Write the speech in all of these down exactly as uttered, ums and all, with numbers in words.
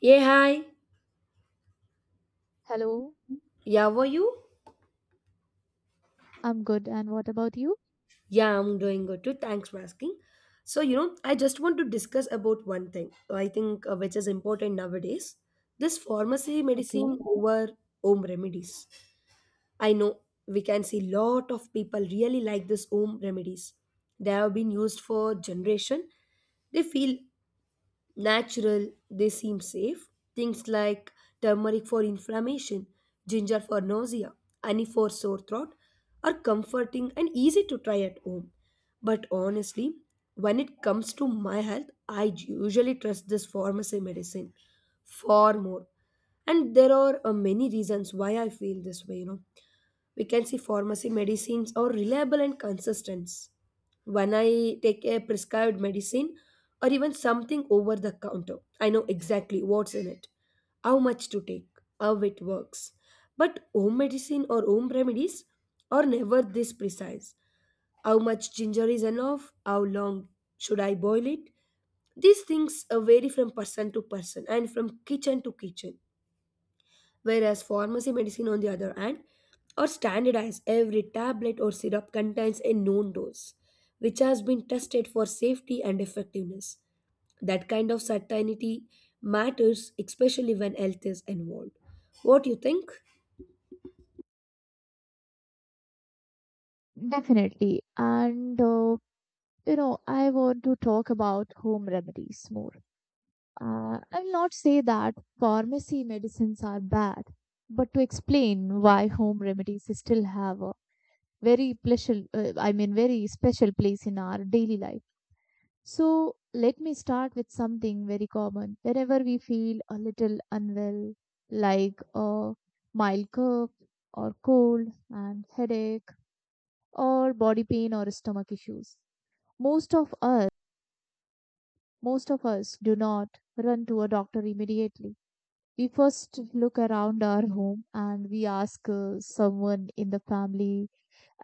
Yeah, hi. Hello, Yeah, how are you? I'm good. And what about you? Yeah, I'm doing good too. Thanks for asking. So, you know, I just want to discuss about one thing I think uh, which is important nowadays, this pharmacy medicine Okay, over home remedies. I know we can see lot of people really like this home remedies. They have been used for generation. They feel natural, they seem safe. Things like turmeric for inflammation, ginger for nausea, honey for sore throat are comforting and easy to try at home. But honestly, when it comes to my health, I usually trust this pharmacy medicine far more. And there are uh, many reasons why I feel this way, you know We can see pharmacy medicines are reliable and consistent. When I take a prescribed medicine or even something over the counter, I know exactly what's in it, how much to take, how it works. But home medicine or home remedies are never this precise. How much ginger is enough? How long should I boil it? These things uh, vary from person to person and from kitchen to kitchen, whereas pharmacy medicine, on the other hand, are standardized. Every tablet or syrup contains a known dose, which has been tested for safety and effectiveness. That kind of certainty matters, especially when health is involved. What do you think? definitely. And uh, you know, I want to talk about home remedies more. Uh, I'll not say that pharmacy medicines are bad, but to explain why home remedies still have a very special, uh, I mean, very special place in our daily life. So let me start with something very common. Whenever we feel a little unwell, like a mild cough or cold and headache or body pain or stomach issues, most of us, most of us do not run to a doctor immediately. We first look around our home and we ask uh, someone in the family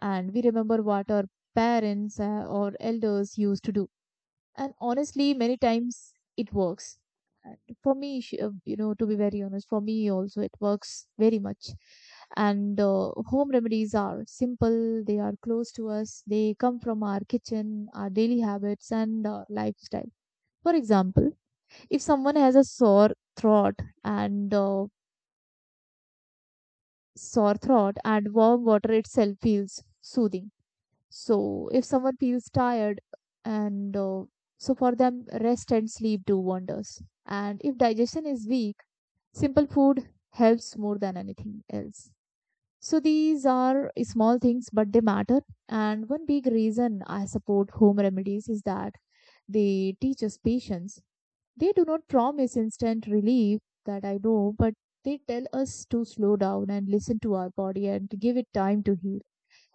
and we remember what our parents uh, or elders used to do, and honestly many times it works. And for me sh- uh, you know to be very honest, for me also it works very much. And uh, Home remedies are simple. They are close to us. They come from our kitchen, our daily habits and uh, lifestyle. For example, if someone has a sore throat and uh, sore throat and warm water itself feels soothing. So if someone feels tired, and uh, so for them, rest and sleep do wonders. And if digestion is weak, simple food helps more than anything else. So these are small things, but they matter. And one big reason I support home remedies is that they teach us patience. They do not promise instant relief, that I know, but they tell us to slow down and listen to our body and give it time to heal.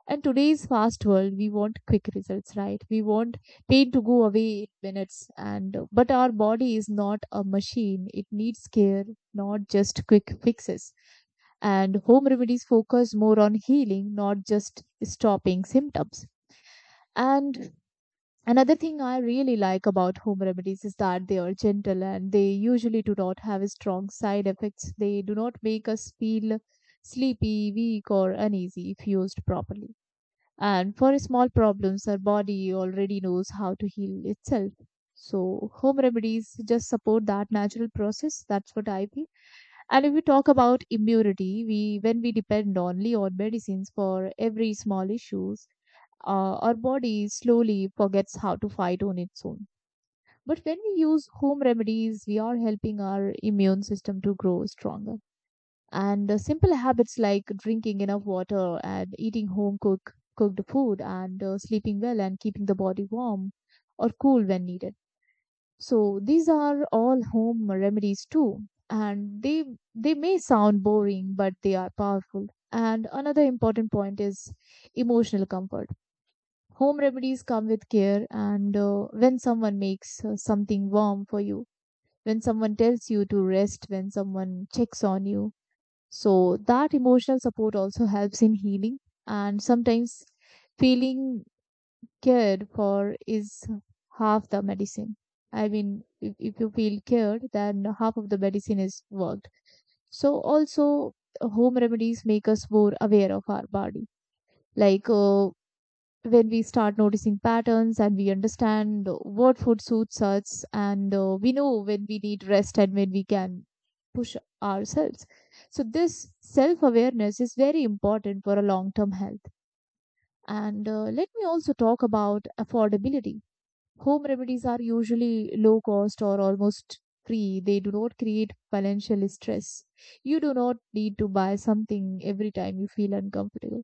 And today's fast world, we want quick results, right? We want pain to go away in minutes. And but our body is not a machine. It needs care, not just quick fixes. And home remedies focus more on healing, not just stopping symptoms. And another thing I really like about home remedies is that they are gentle and they usually do not have strong side effects. They do not make us feel sleepy, weak, or uneasy if used properly. And for small problems, our body already knows how to heal itself. So, home remedies just support that natural process. That's what I feel. And if we talk about immunity, we when we depend only on medicines for every small issues, uh, our body slowly forgets how to fight on its own. But when we use home remedies, we are helping our immune system to grow stronger. And uh, Simple habits like drinking enough water and eating home cook cooked food and uh, sleeping well and keeping the body warm or cool when needed, so these are all home remedies too. And they they may sound boring, but they are powerful. And another important point is emotional comfort. Home remedies come with care. And uh, when someone makes uh, something warm for you, when someone tells you to rest, when someone checks on you, so that emotional support also helps in healing, and sometimes feeling cared for is half the medicine. I mean, if, if you feel cared, then half of the medicine is worked. So also, home remedies make us more aware of our body. Like uh, when we start noticing patterns and we understand what food suits us and uh, we know when we need rest and when we can push ourselves, so this self awareness is very important for a long term health. And uh, Let me also talk about affordability. Home remedies are usually low cost or almost free. They do not create financial stress. You do not need to buy something every time you feel uncomfortable.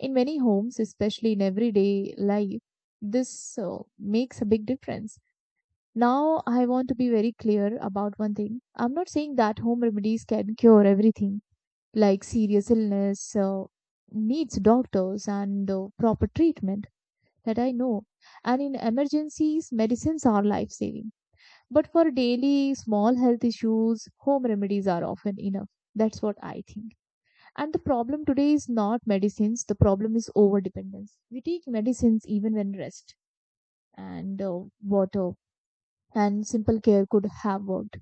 In many homes, especially in everyday life, this uh, makes a big difference. Now, I want to be very clear about one thing. I'm not saying that home remedies can cure everything, like serious illness uh, needs doctors and uh, proper treatment, that I know. And in emergencies, medicines are life saving. But for daily small health issues, home remedies are often enough. That's what I think. And the problem today is not medicines, the problem is over dependence. We take medicines even when rest and uh, water and simple care could have worked.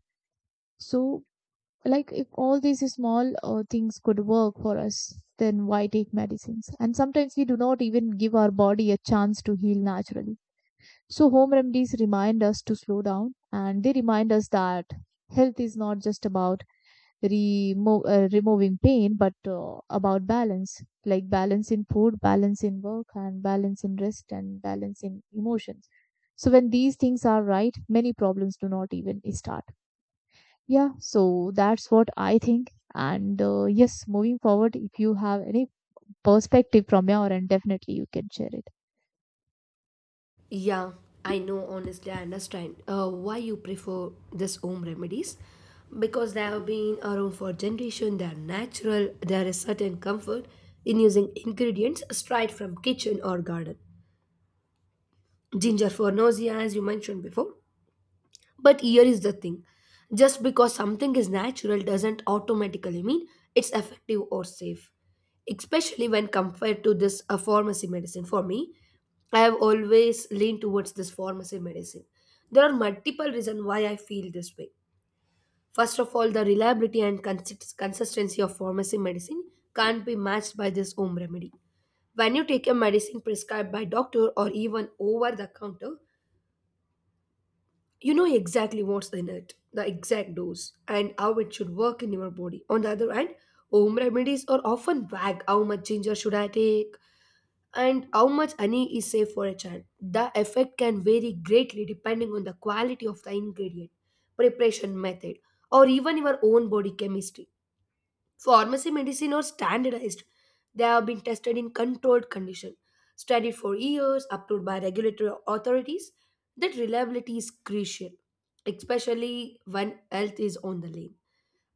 So, like, if all these small uh, things could work for us, then why take medicines? And sometimes we do not even give our body a chance to heal naturally. So, home remedies remind us to slow down and they remind us that health is not just about remo- uh, removing pain, but uh, about balance, like balance in food, balance in work, and balance in rest, and balance in emotions. So, when these things are right, many problems do not even start. Yeah, so that's what I think. And uh, Yes, moving forward, if you have any perspective from your end, definitely you can share it. Yeah, I know, honestly, I understand uh, why you prefer this home remedies, because they have been around for generation. They are natural. There is certain comfort in using ingredients straight from kitchen or garden. Ginger for nausea, as you mentioned before. But here is the thing: just because something is natural doesn't automatically mean it's effective or safe, especially when compared to this uh, pharmacy medicine. For me, I have always leaned towards this pharmacy medicine. There are multiple reasons why I feel this way. First of all, the reliability and consist- consistency of pharmacy medicine can't be matched by this home remedy. When you take a medicine prescribed by doctor or even over the counter, you know exactly what's in it, the exact dose, and how it should work in your body. On the other hand, home remedies are often vague. How much ginger should I take? And how much honey is safe for a child? The effect can vary greatly depending on the quality of the ingredient, preparation method, or even your own body chemistry. Pharmacy medicine are standardized. They have been tested in controlled condition, studied for years, approved by regulatory authorities. That reliability is crucial, especially when health is on the line.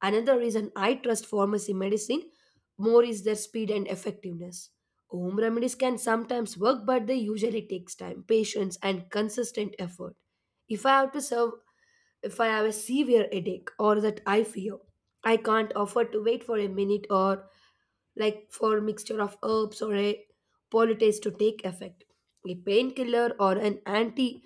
Another reason I trust pharmacy medicine more is their speed and effectiveness. Home remedies can sometimes work, but they usually takes time, patience, and consistent effort. If I have to serve If I have a severe headache or that I fear, I can't afford to wait for a minute or like for a mixture of herbs or a poultice to take effect. A painkiller or an antipyretic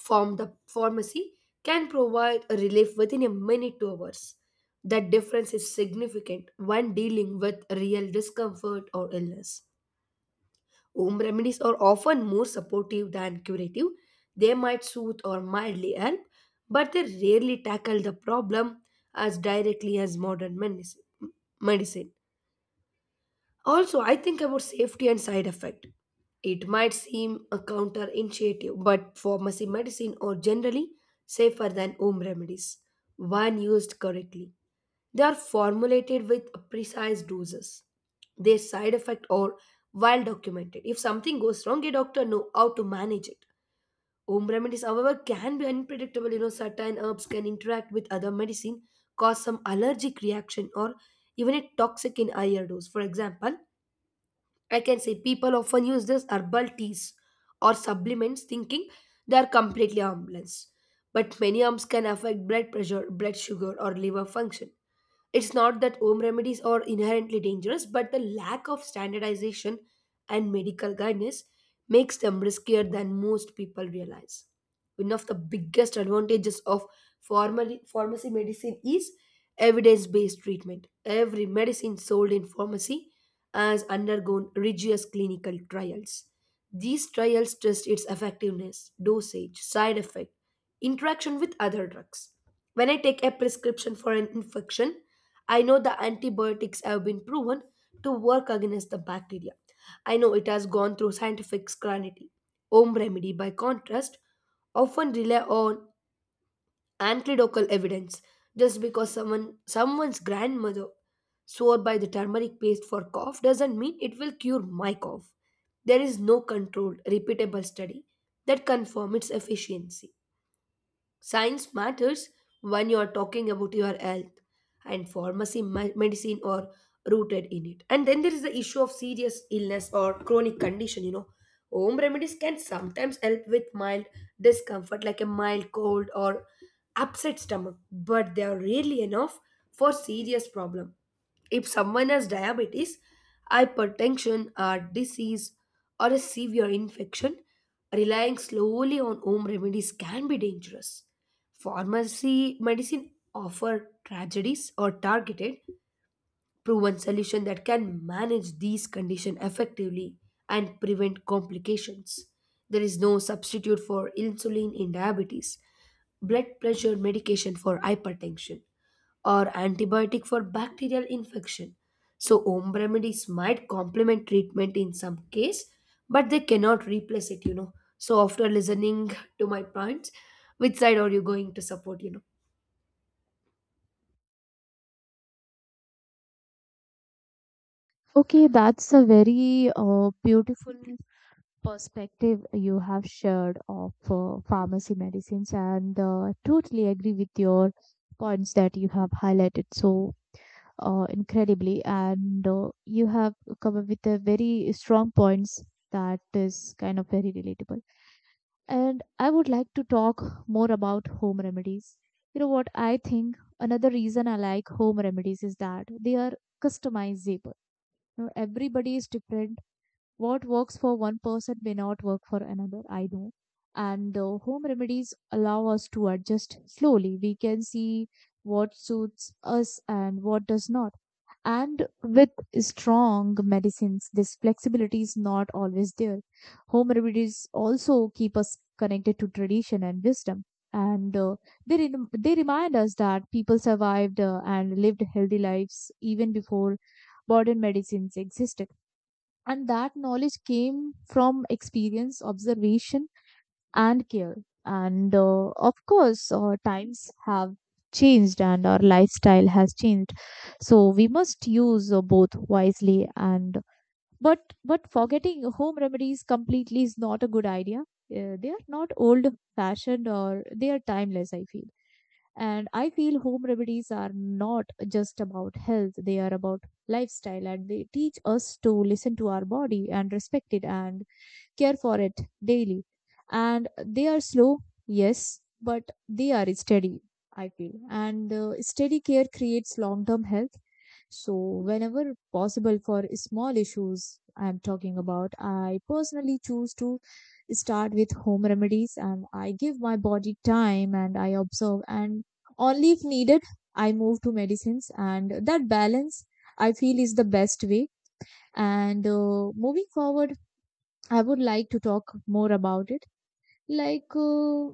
from the pharmacy can provide a relief within a minute to hours. That difference is significant when dealing with real discomfort or illness. Home remedies are often more supportive than curative. They might soothe or mildly help, but they rarely tackle the problem as directly as modern medicine. medicine. Also, I think about safety and side effect. It might seem a counterintuitive, but pharmacy medicine are generally safer than home remedies when used correctly. They are formulated with precise doses. Their side effects are well documented. If something goes wrong, a doctor know how to manage it. Home remedies, however, can be unpredictable. You know, certain herbs can interact with other medicine, cause some allergic reaction, or even a toxic in higher dose. For example, I can say people often use these herbal teas or supplements thinking they are completely harmless. But many harms can affect blood pressure, blood sugar, or liver function. It's not that home remedies are inherently dangerous, but the lack of standardization and medical guidance makes them riskier than most people realize. One of the biggest advantages of pharma- pharmacy medicine is evidence based treatment. Every medicine sold in pharmacy has undergone rigorous clinical trials. These trials test its effectiveness, dosage, side effect, interaction with other drugs. When I take a prescription for an infection, I know the antibiotics have been proven to work against the bacteria. I know it has gone through scientific scrutiny. Home remedy, by contrast, often rely on anecdotal evidence. Just because someone someone's grandmother swore by the turmeric paste for cough doesn't mean it will cure my cough. There is no controlled repeatable study that confirm its efficiency. Science matters when you are talking about your health, and pharmacy me- medicine are rooted in it. And then there is the issue of serious illness or chronic condition. You know, home remedies can sometimes help with mild discomfort, like a mild cold or upset stomach, but they are rarely enough for serious problem. If someone has diabetes, hypertension, or disease, or a severe infection, relying slowly on home remedies can be dangerous. Pharmacy medicine offer tragedies or targeted proven solution that can manage these conditions effectively and prevent complications. There is no substitute for insulin in diabetes, blood pressure medication for hypertension, or antibiotic for bacterial infection. So home remedies might complement treatment in some case, but they cannot replace it, you know. So after listening to my points, which side are you going to support, you know? Okay, that's a very uh, beautiful perspective you have shared of uh, pharmacy medicines, and uh, totally agree with your points that you have highlighted. So, uh, incredibly and uh, you have come up with a very strong points that is kind of very relatable, and I would like to talk more about home remedies. You know what I think, another reason I like home remedies is that they are customizable. You know, everybody is different. What works for one person may not work for another, I know. And uh, Home remedies allow us to adjust slowly. We can see what suits us and what does not. And with strong medicines, this flexibility is not always there. Home remedies also keep us connected to tradition and wisdom. And uh, they, rem- they remind us that people survived uh, and lived healthy lives even before modern medicines existed. And that knowledge came from experience, observation, and care. And uh, Of course, uh, times have changed and our lifestyle has changed. So we must use uh, both wisely, and but but forgetting home remedies completely is not a good idea. Uh, they are not old fashioned, or they are timeless, I feel. And I feel home remedies are not just about health, they are about lifestyle, and they teach us to listen to our body and respect it and care for it daily. And they are slow, yes, but they are steady, I feel. And uh, Steady care creates long term health. So, whenever possible for small issues I'm talking about, I personally choose to start with home remedies and I give my body time and I observe. And only if needed, I move to medicines. And that balance I feel is the best way. And uh, Moving forward, I would like to talk more about it. Like, uh,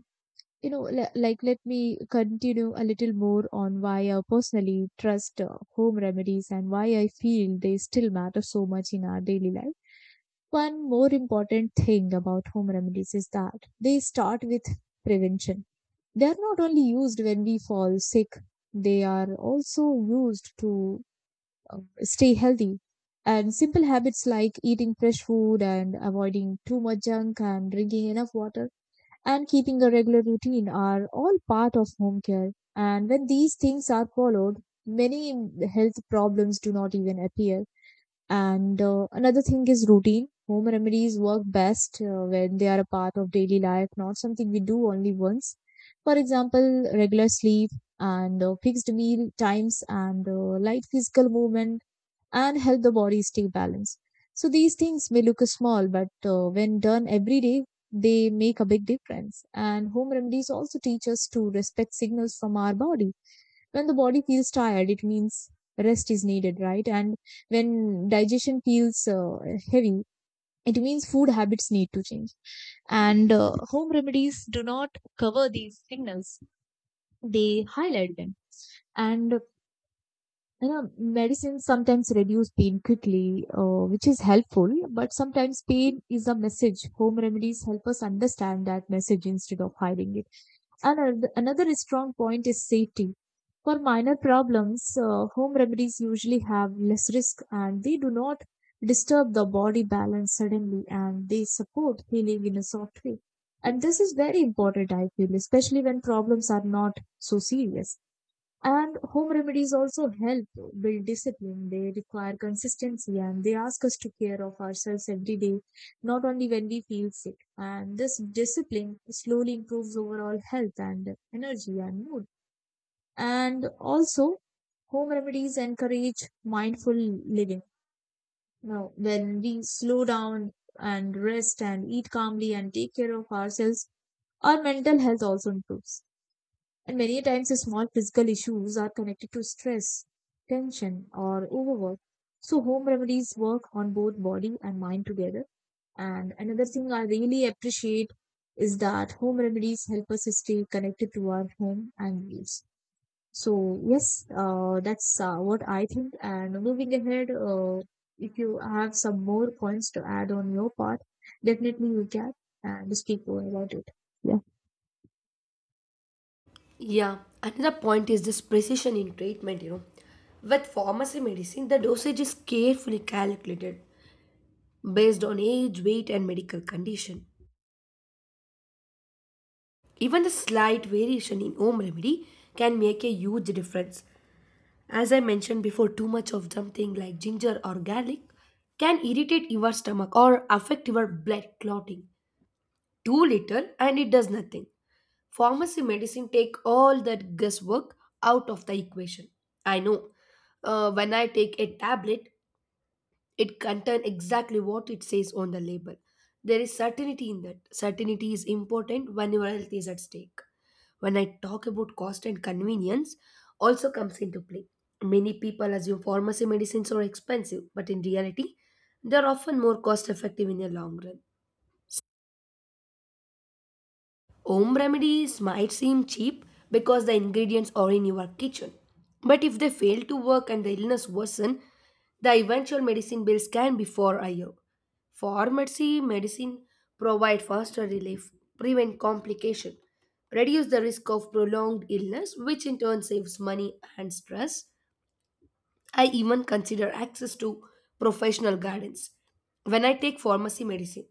you know, li- like let me continue a little more on why I personally trust uh, home remedies and why I feel they still matter so much in our daily life. One more important thing about home remedies is that they start with prevention. They are not only used when we fall sick, they are also used to uh, stay healthy. And simple habits like eating fresh food and avoiding too much junk and drinking enough water and keeping a regular routine are all part of home care. And when these things are followed, many health problems do not even appear. And uh, Another thing is routine. Home remedies work best uh, when they are a part of daily life, not something we do only once. For example, regular sleep and uh, fixed meal times and uh, light physical movement and help the body stay balanced. So these things may look small, but uh, when done every day, they make a big difference. And home remedies also teach us to respect signals from our body. When the body feels tired, it means rest is needed, right? And when digestion feels uh, heavy, it means food habits need to change. And uh, Home remedies do not cover these signals, they highlight them. And you know, medicines sometimes reduce pain quickly, uh, which is helpful, but sometimes pain is a message. Home remedies help us understand that message instead of hiding it. And Another, another strong point is safety. For minor problems, uh, home remedies usually have less risk and they do not disturb the body balance suddenly and they support healing in a soft way. And this is very important, I feel, especially when problems are not so serious. And home remedies also help build discipline. They require consistency and they ask us to care of ourselves every day, not only when we feel sick. And this discipline slowly improves overall health and energy and mood. And also, home remedies encourage mindful living. Now, when we slow down and rest and eat calmly and take care of ourselves, our mental health also improves. And many times, the small physical issues are connected to stress, tension, or overwork. So, home remedies work on both body and mind together. And another thing I really appreciate is that home remedies help us stay connected to our home and needs. So, yes, uh, that's uh, what I think. And moving ahead, uh, if you have some more points to add on your part, definitely you can and speak more about it. Yeah. Yeah, another point is this precision in treatment, you know. With pharmacy medicine, the dosage is carefully calculated based on age, weight, and medical condition. Even the slight variation in home remedy can make a huge difference. As I mentioned before, too much of something like ginger or garlic can irritate your stomach or affect your blood clotting. Too little and it does nothing. Pharmacy medicine take all that guesswork out of the equation. I know, uh, when I take a tablet, it contains exactly what it says on the label. There is certainty in that. Certainty is important when your health is at stake. When I talk about cost and convenience also comes into play, many people assume pharmacy medicines are expensive, but in reality they are often more cost effective in the long run. Home remedies might seem cheap because the ingredients are in your kitchen. But if they fail to work and the illness worsen, the eventual medicine bills can be far higher. Pharmacy medicine provide faster relief, prevent complication, reduce the risk of prolonged illness, which in turn saves money and stress. I even consider access to professional guidance when I take pharmacy medicine.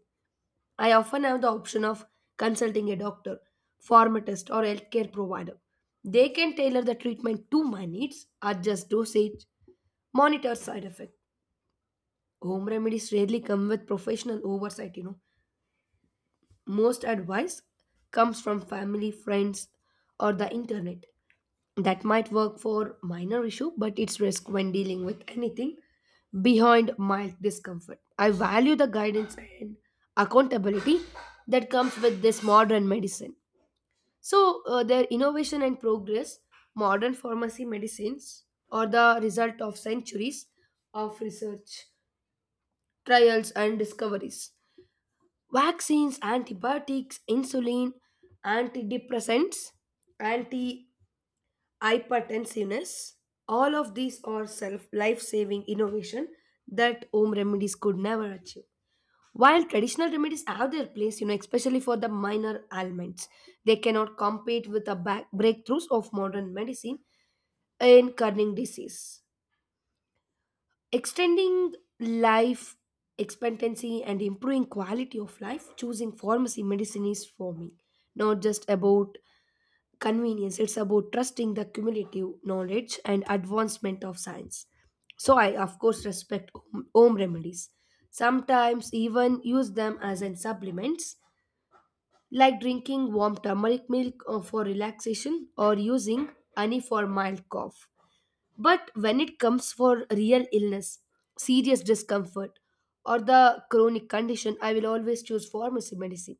I often have the option of consulting a doctor, pharmacist, or healthcare provider. They can tailor the treatment to my needs, adjust dosage, monitor side effect. Home remedies rarely come with professional oversight, you know. Most advice comes from family, friends, or the internet. That might work for minor issue, but it's risk when dealing with anything behind mild discomfort. I value the guidance and accountability that comes with this modern medicine. So, uh, their innovation and progress, modern pharmacy medicines are the result of centuries of research, trials, and discoveries. Vaccines, antibiotics, insulin, antidepressants, anti-hypertensiveness, all of these are self life-saving innovation that home remedies could never achieve. While traditional remedies have their place, you know, especially for the minor ailments, they cannot compete with the back breakthroughs of modern medicine in cutting disease. Extending life expectancy and improving quality of life, choosing pharmacy medicine is for me. Not just about convenience, it's about trusting the cumulative knowledge and advancement of science. So I, of course, respect home home remedies. Sometimes even use them as in supplements, like drinking warm turmeric milk uh, for relaxation or using honey for mild cough. But when it comes for real illness, serious discomfort, or the chronic condition, I will always choose pharmacy medicine.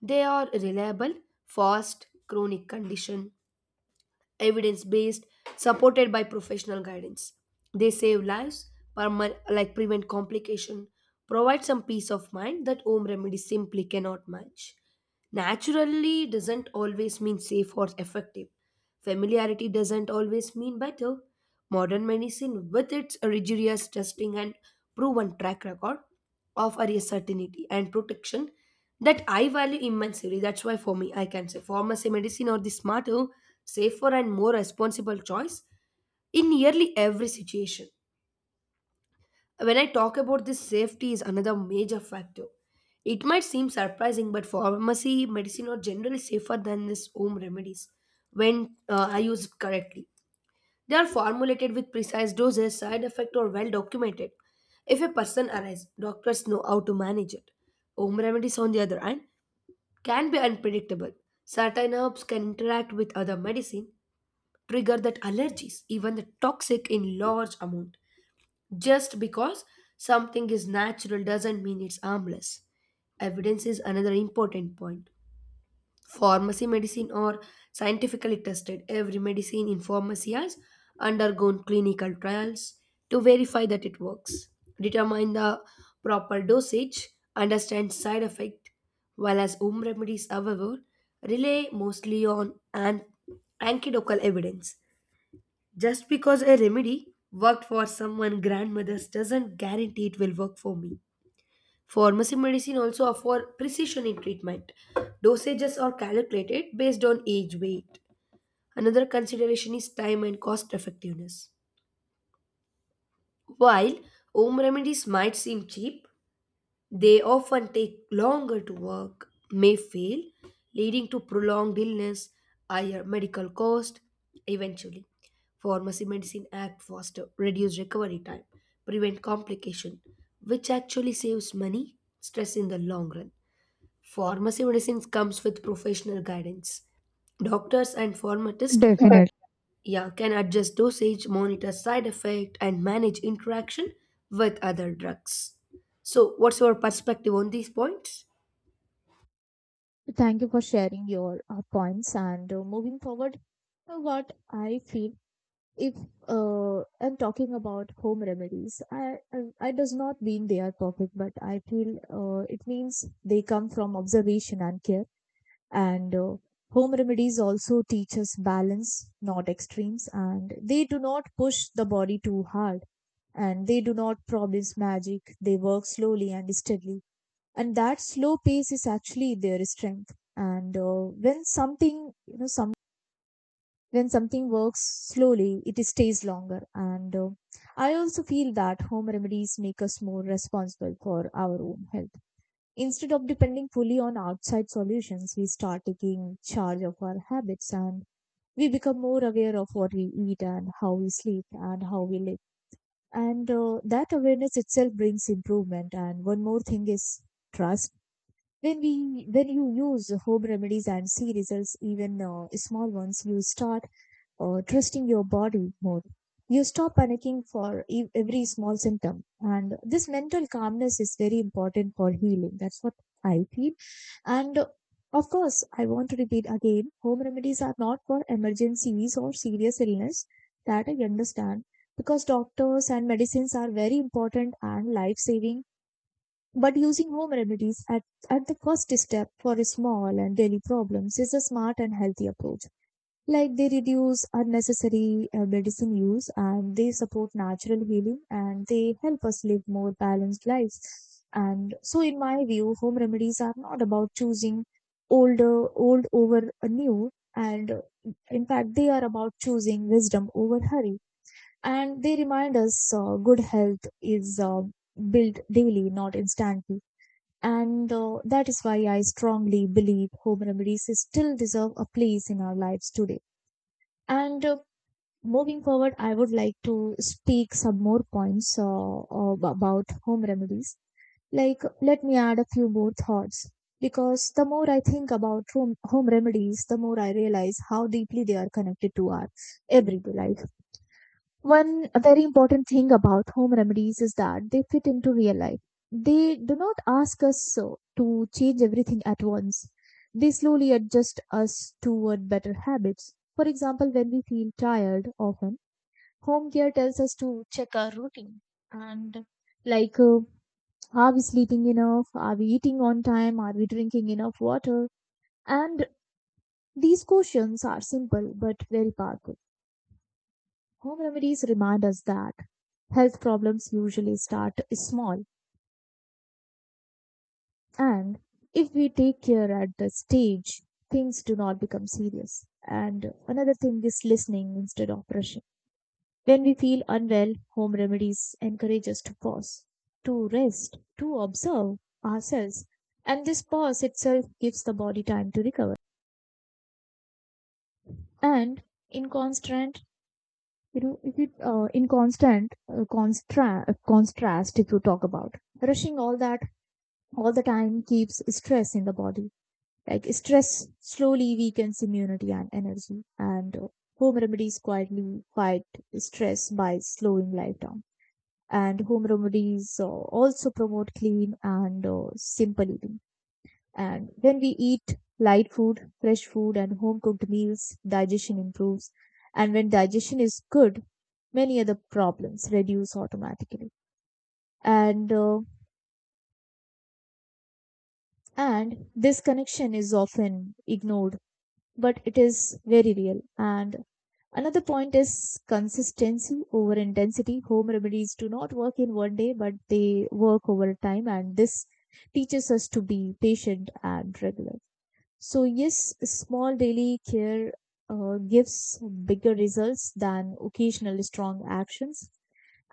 They are reliable, fast, chronic condition, evidence based, supported by professional guidance. They save lives, perma- like prevent complication, provide some peace of mind that home remedies simply cannot match. Naturally doesn't always mean safe or effective. Familiarity doesn't always mean better. Modern medicine, with its rigorous testing and proven track record, offer a certainty and protection that I value immensely. That's why, for me, I can say pharmacy medicine or the smarter, safer, and more responsible choice in nearly every situation. When I talk about this, safety is another major factor. It might seem surprising, but pharmacy medicine are generally safer than this home remedies when uh, are used correctly. They are formulated with precise doses, side effects are well documented. If a person arrives, doctors know how to manage it. Home remedies, on the other hand, can be unpredictable. Certain herbs can interact with other medicine, trigger that allergies, even the toxic in large amount. Just because something is natural doesn't mean it's harmless. Evidence is another important point. Pharmacy medicine or scientifically tested. Every medicine in pharmacy has undergone clinical trials to verify that it works, determine the proper dosage, understand side effect. While as home remedies, however, rely mostly on an anecdotal evidence. Just because a remedy worked for someone grandmother's doesn't guarantee it will work for me. Pharmacy medicine also offer precision in treatment. Dosages are calculated based on age, weight. Another consideration is time and cost effectiveness. While home remedies might seem cheap, they often take longer to work, may fail, leading to prolonged illness, higher medical cost. Eventually, pharmacy medicine act faster, reduce recovery time, prevent complication, which actually saves money, stress in the long run. Pharmacy medicines comes with professional guidance. Doctors and pharmacists, Definitely. yeah, can adjust dosage, monitor side effect, and manage interaction with other drugs. So, what's your perspective on these points? Thank you for sharing your uh, points. And uh, moving forward, uh, what I feel if uh, I'm talking about home remedies, I, I I does not mean they are perfect, but I feel uh, it means they come from observation and care. And uh, Home remedies also teach us balance, not extremes, and they do not push the body too hard. And they do not promise magic. They work slowly and steadily, and that slow pace is actually their strength. And uh, when something you know some when something works slowly, it stays longer. And uh, I also feel that home remedies make us more responsible for our own health. Instead of depending fully on outside solutions, we start taking charge of our habits, and we become more aware of what we eat and how we sleep and how we live. And uh, that awareness itself brings improvement. And one more thing is trust. When we when you use home remedies and see results, even uh, small ones, you start uh, trusting your body more. You stop panicking for ev- every small symptom, and this mental calmness is very important for healing. That's what I feel. And uh, of course, I want to repeat again, home remedies are not for emergencies or serious illness. That I understand, because doctors and medicines are very important and life saving. But using home remedies at, at the first step for small and daily problems is a smart and healthy approach. Like, they reduce unnecessary uh, medicine use, and they support natural healing, and they help us live more balanced lives. And so, in my view, home remedies are not about choosing older, old over a new. And uh, In fact, they are about choosing wisdom over hurry. And they remind us uh, good health is uh, built daily, not instantly. And uh, that is why I strongly believe home remedies still deserve a place in our lives today. And uh, Moving forward, I would like to speak some more points uh, ab- about home remedies. Like, let me add a few more thoughts, because the more I think about home, home remedies, the more I realize how deeply they are connected to our everyday life. One very important thing about home remedies is that they fit into real life. They do not ask us uh, to change everything at once. They slowly adjust us toward better habits. For example, when we feel tired often, home care tells us to check our routine, and like uh, are we sleeping enough? Are we eating on time? Are we drinking enough water? And these questions are simple but very powerful. Home remedies remind us that health problems usually start small, and if we take care at the stage, things do not become serious. And another thing is listening instead of rushing. When we feel unwell, home remedies encourage us to pause, to rest, to observe ourselves. And this pause itself gives the body time to recover. And in constant, you know, if it, uh, in constant uh, constra- uh, contrast, if you talk about rushing, all that all the time keeps stress in the body. Like, stress slowly weakens immunity and energy, and uh, home remedies quietly fight stress by slowing life down. And home remedies uh, also promote clean and uh, simple eating. And when we eat light food, fresh food, and home cooked meals, digestion improves. And when digestion is good, many other problems reduce automatically. And uh, and this connection is often ignored, but it is very real. And another point is consistency over intensity. Home remedies do not work in one day, but they work over time, and this teaches us to be patient and regular. So, yes, small daily care uh, gives bigger results than occasional strong actions.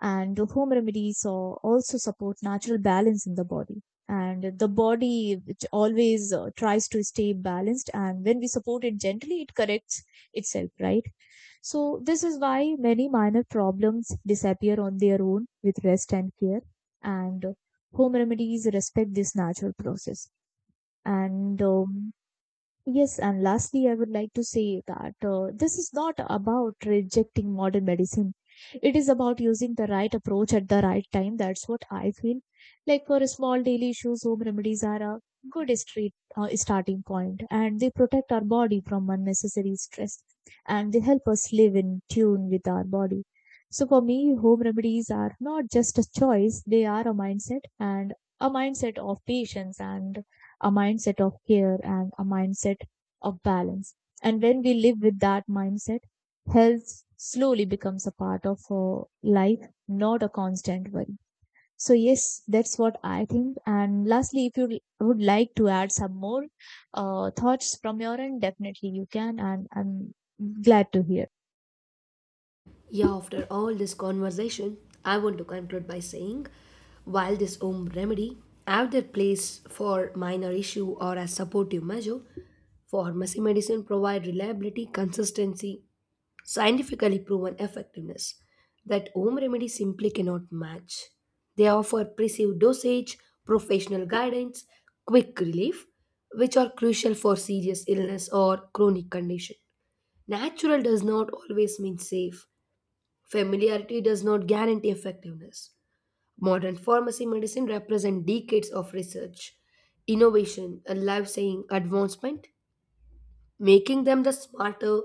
And home remedies uh, also support natural balance in the body, and the body, which always uh, tries to stay balanced, and when we support it gently, it corrects itself, right? So this is why many minor problems disappear on their own with rest and care. And uh, home remedies respect this natural process. And um, Yes, and lastly, I would like to say that uh, this is not about rejecting modern medicine. It is about using the right approach at the right time. That's what I feel. Like, for small daily issues, home remedies are a good street, uh, starting point, and they protect our body from unnecessary stress, and they help us live in tune with our body. So for me, home remedies are not just a choice; they are a mindset, and a mindset of patience, and a mindset of care, and a mindset of balance. And when we live with that mindset, health slowly becomes a part of our life, not a constant worry. So yes, that's what I think. And lastly, if you l- would like to add some more uh, thoughts from your end, definitely you can, and I'm glad to hear. Yeah, after all this conversation, I want to conclude by saying while this home remedy have their place for minor issue or as supportive measure, pharmacy medicine provide reliability, consistency, scientifically proven effectiveness that home remedies simply cannot match. They offer precise dosage, professional guidance, quick relief, which are crucial for serious illness or chronic condition. Natural does not always mean safe. Familiarity does not guarantee effectiveness. Modern pharmacy medicine represents decades of research, innovation, and life-saving advancement, making them the smarter,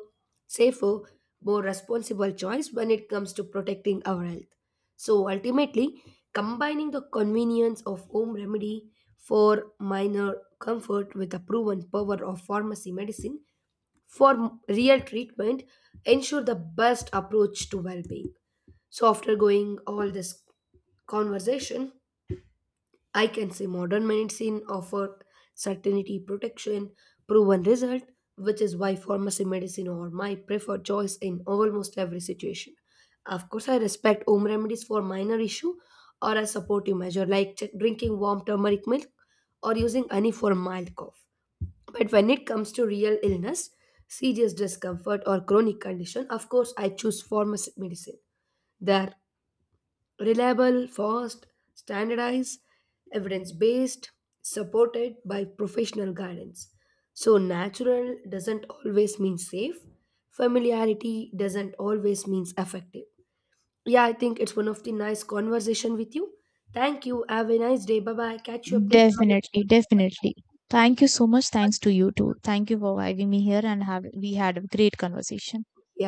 safer, more responsible choice when it comes to protecting our health. So ultimately, combining the convenience of home remedy for minor comfort with the proven power of pharmacy medicine for real treatment ensure the best approach to well-being. So after going all this conversation, I can say modern medicine offer certainty, protection, proven result, which is why pharmacy medicine or my preferred choice in almost every situation. Of course, I respect home remedies for minor issue or a supportive measure like ch- drinking warm turmeric milk or using honey for mild cough. But when it comes to real illness, serious discomfort or chronic condition, of course, I choose pharmacy medicine. There reliable, fast, standardized, evidence based, supported by professional guidance. So, natural doesn't always mean safe, familiarity doesn't always mean effective. Yeah, I think it's one of the nice conversation with you. Thank you. Have a nice day. Bye bye. Catch you up later. Definitely, definitely. Thank you so much. Thanks to you too. Thank you for having me here, and have we had a great conversation. Yeah.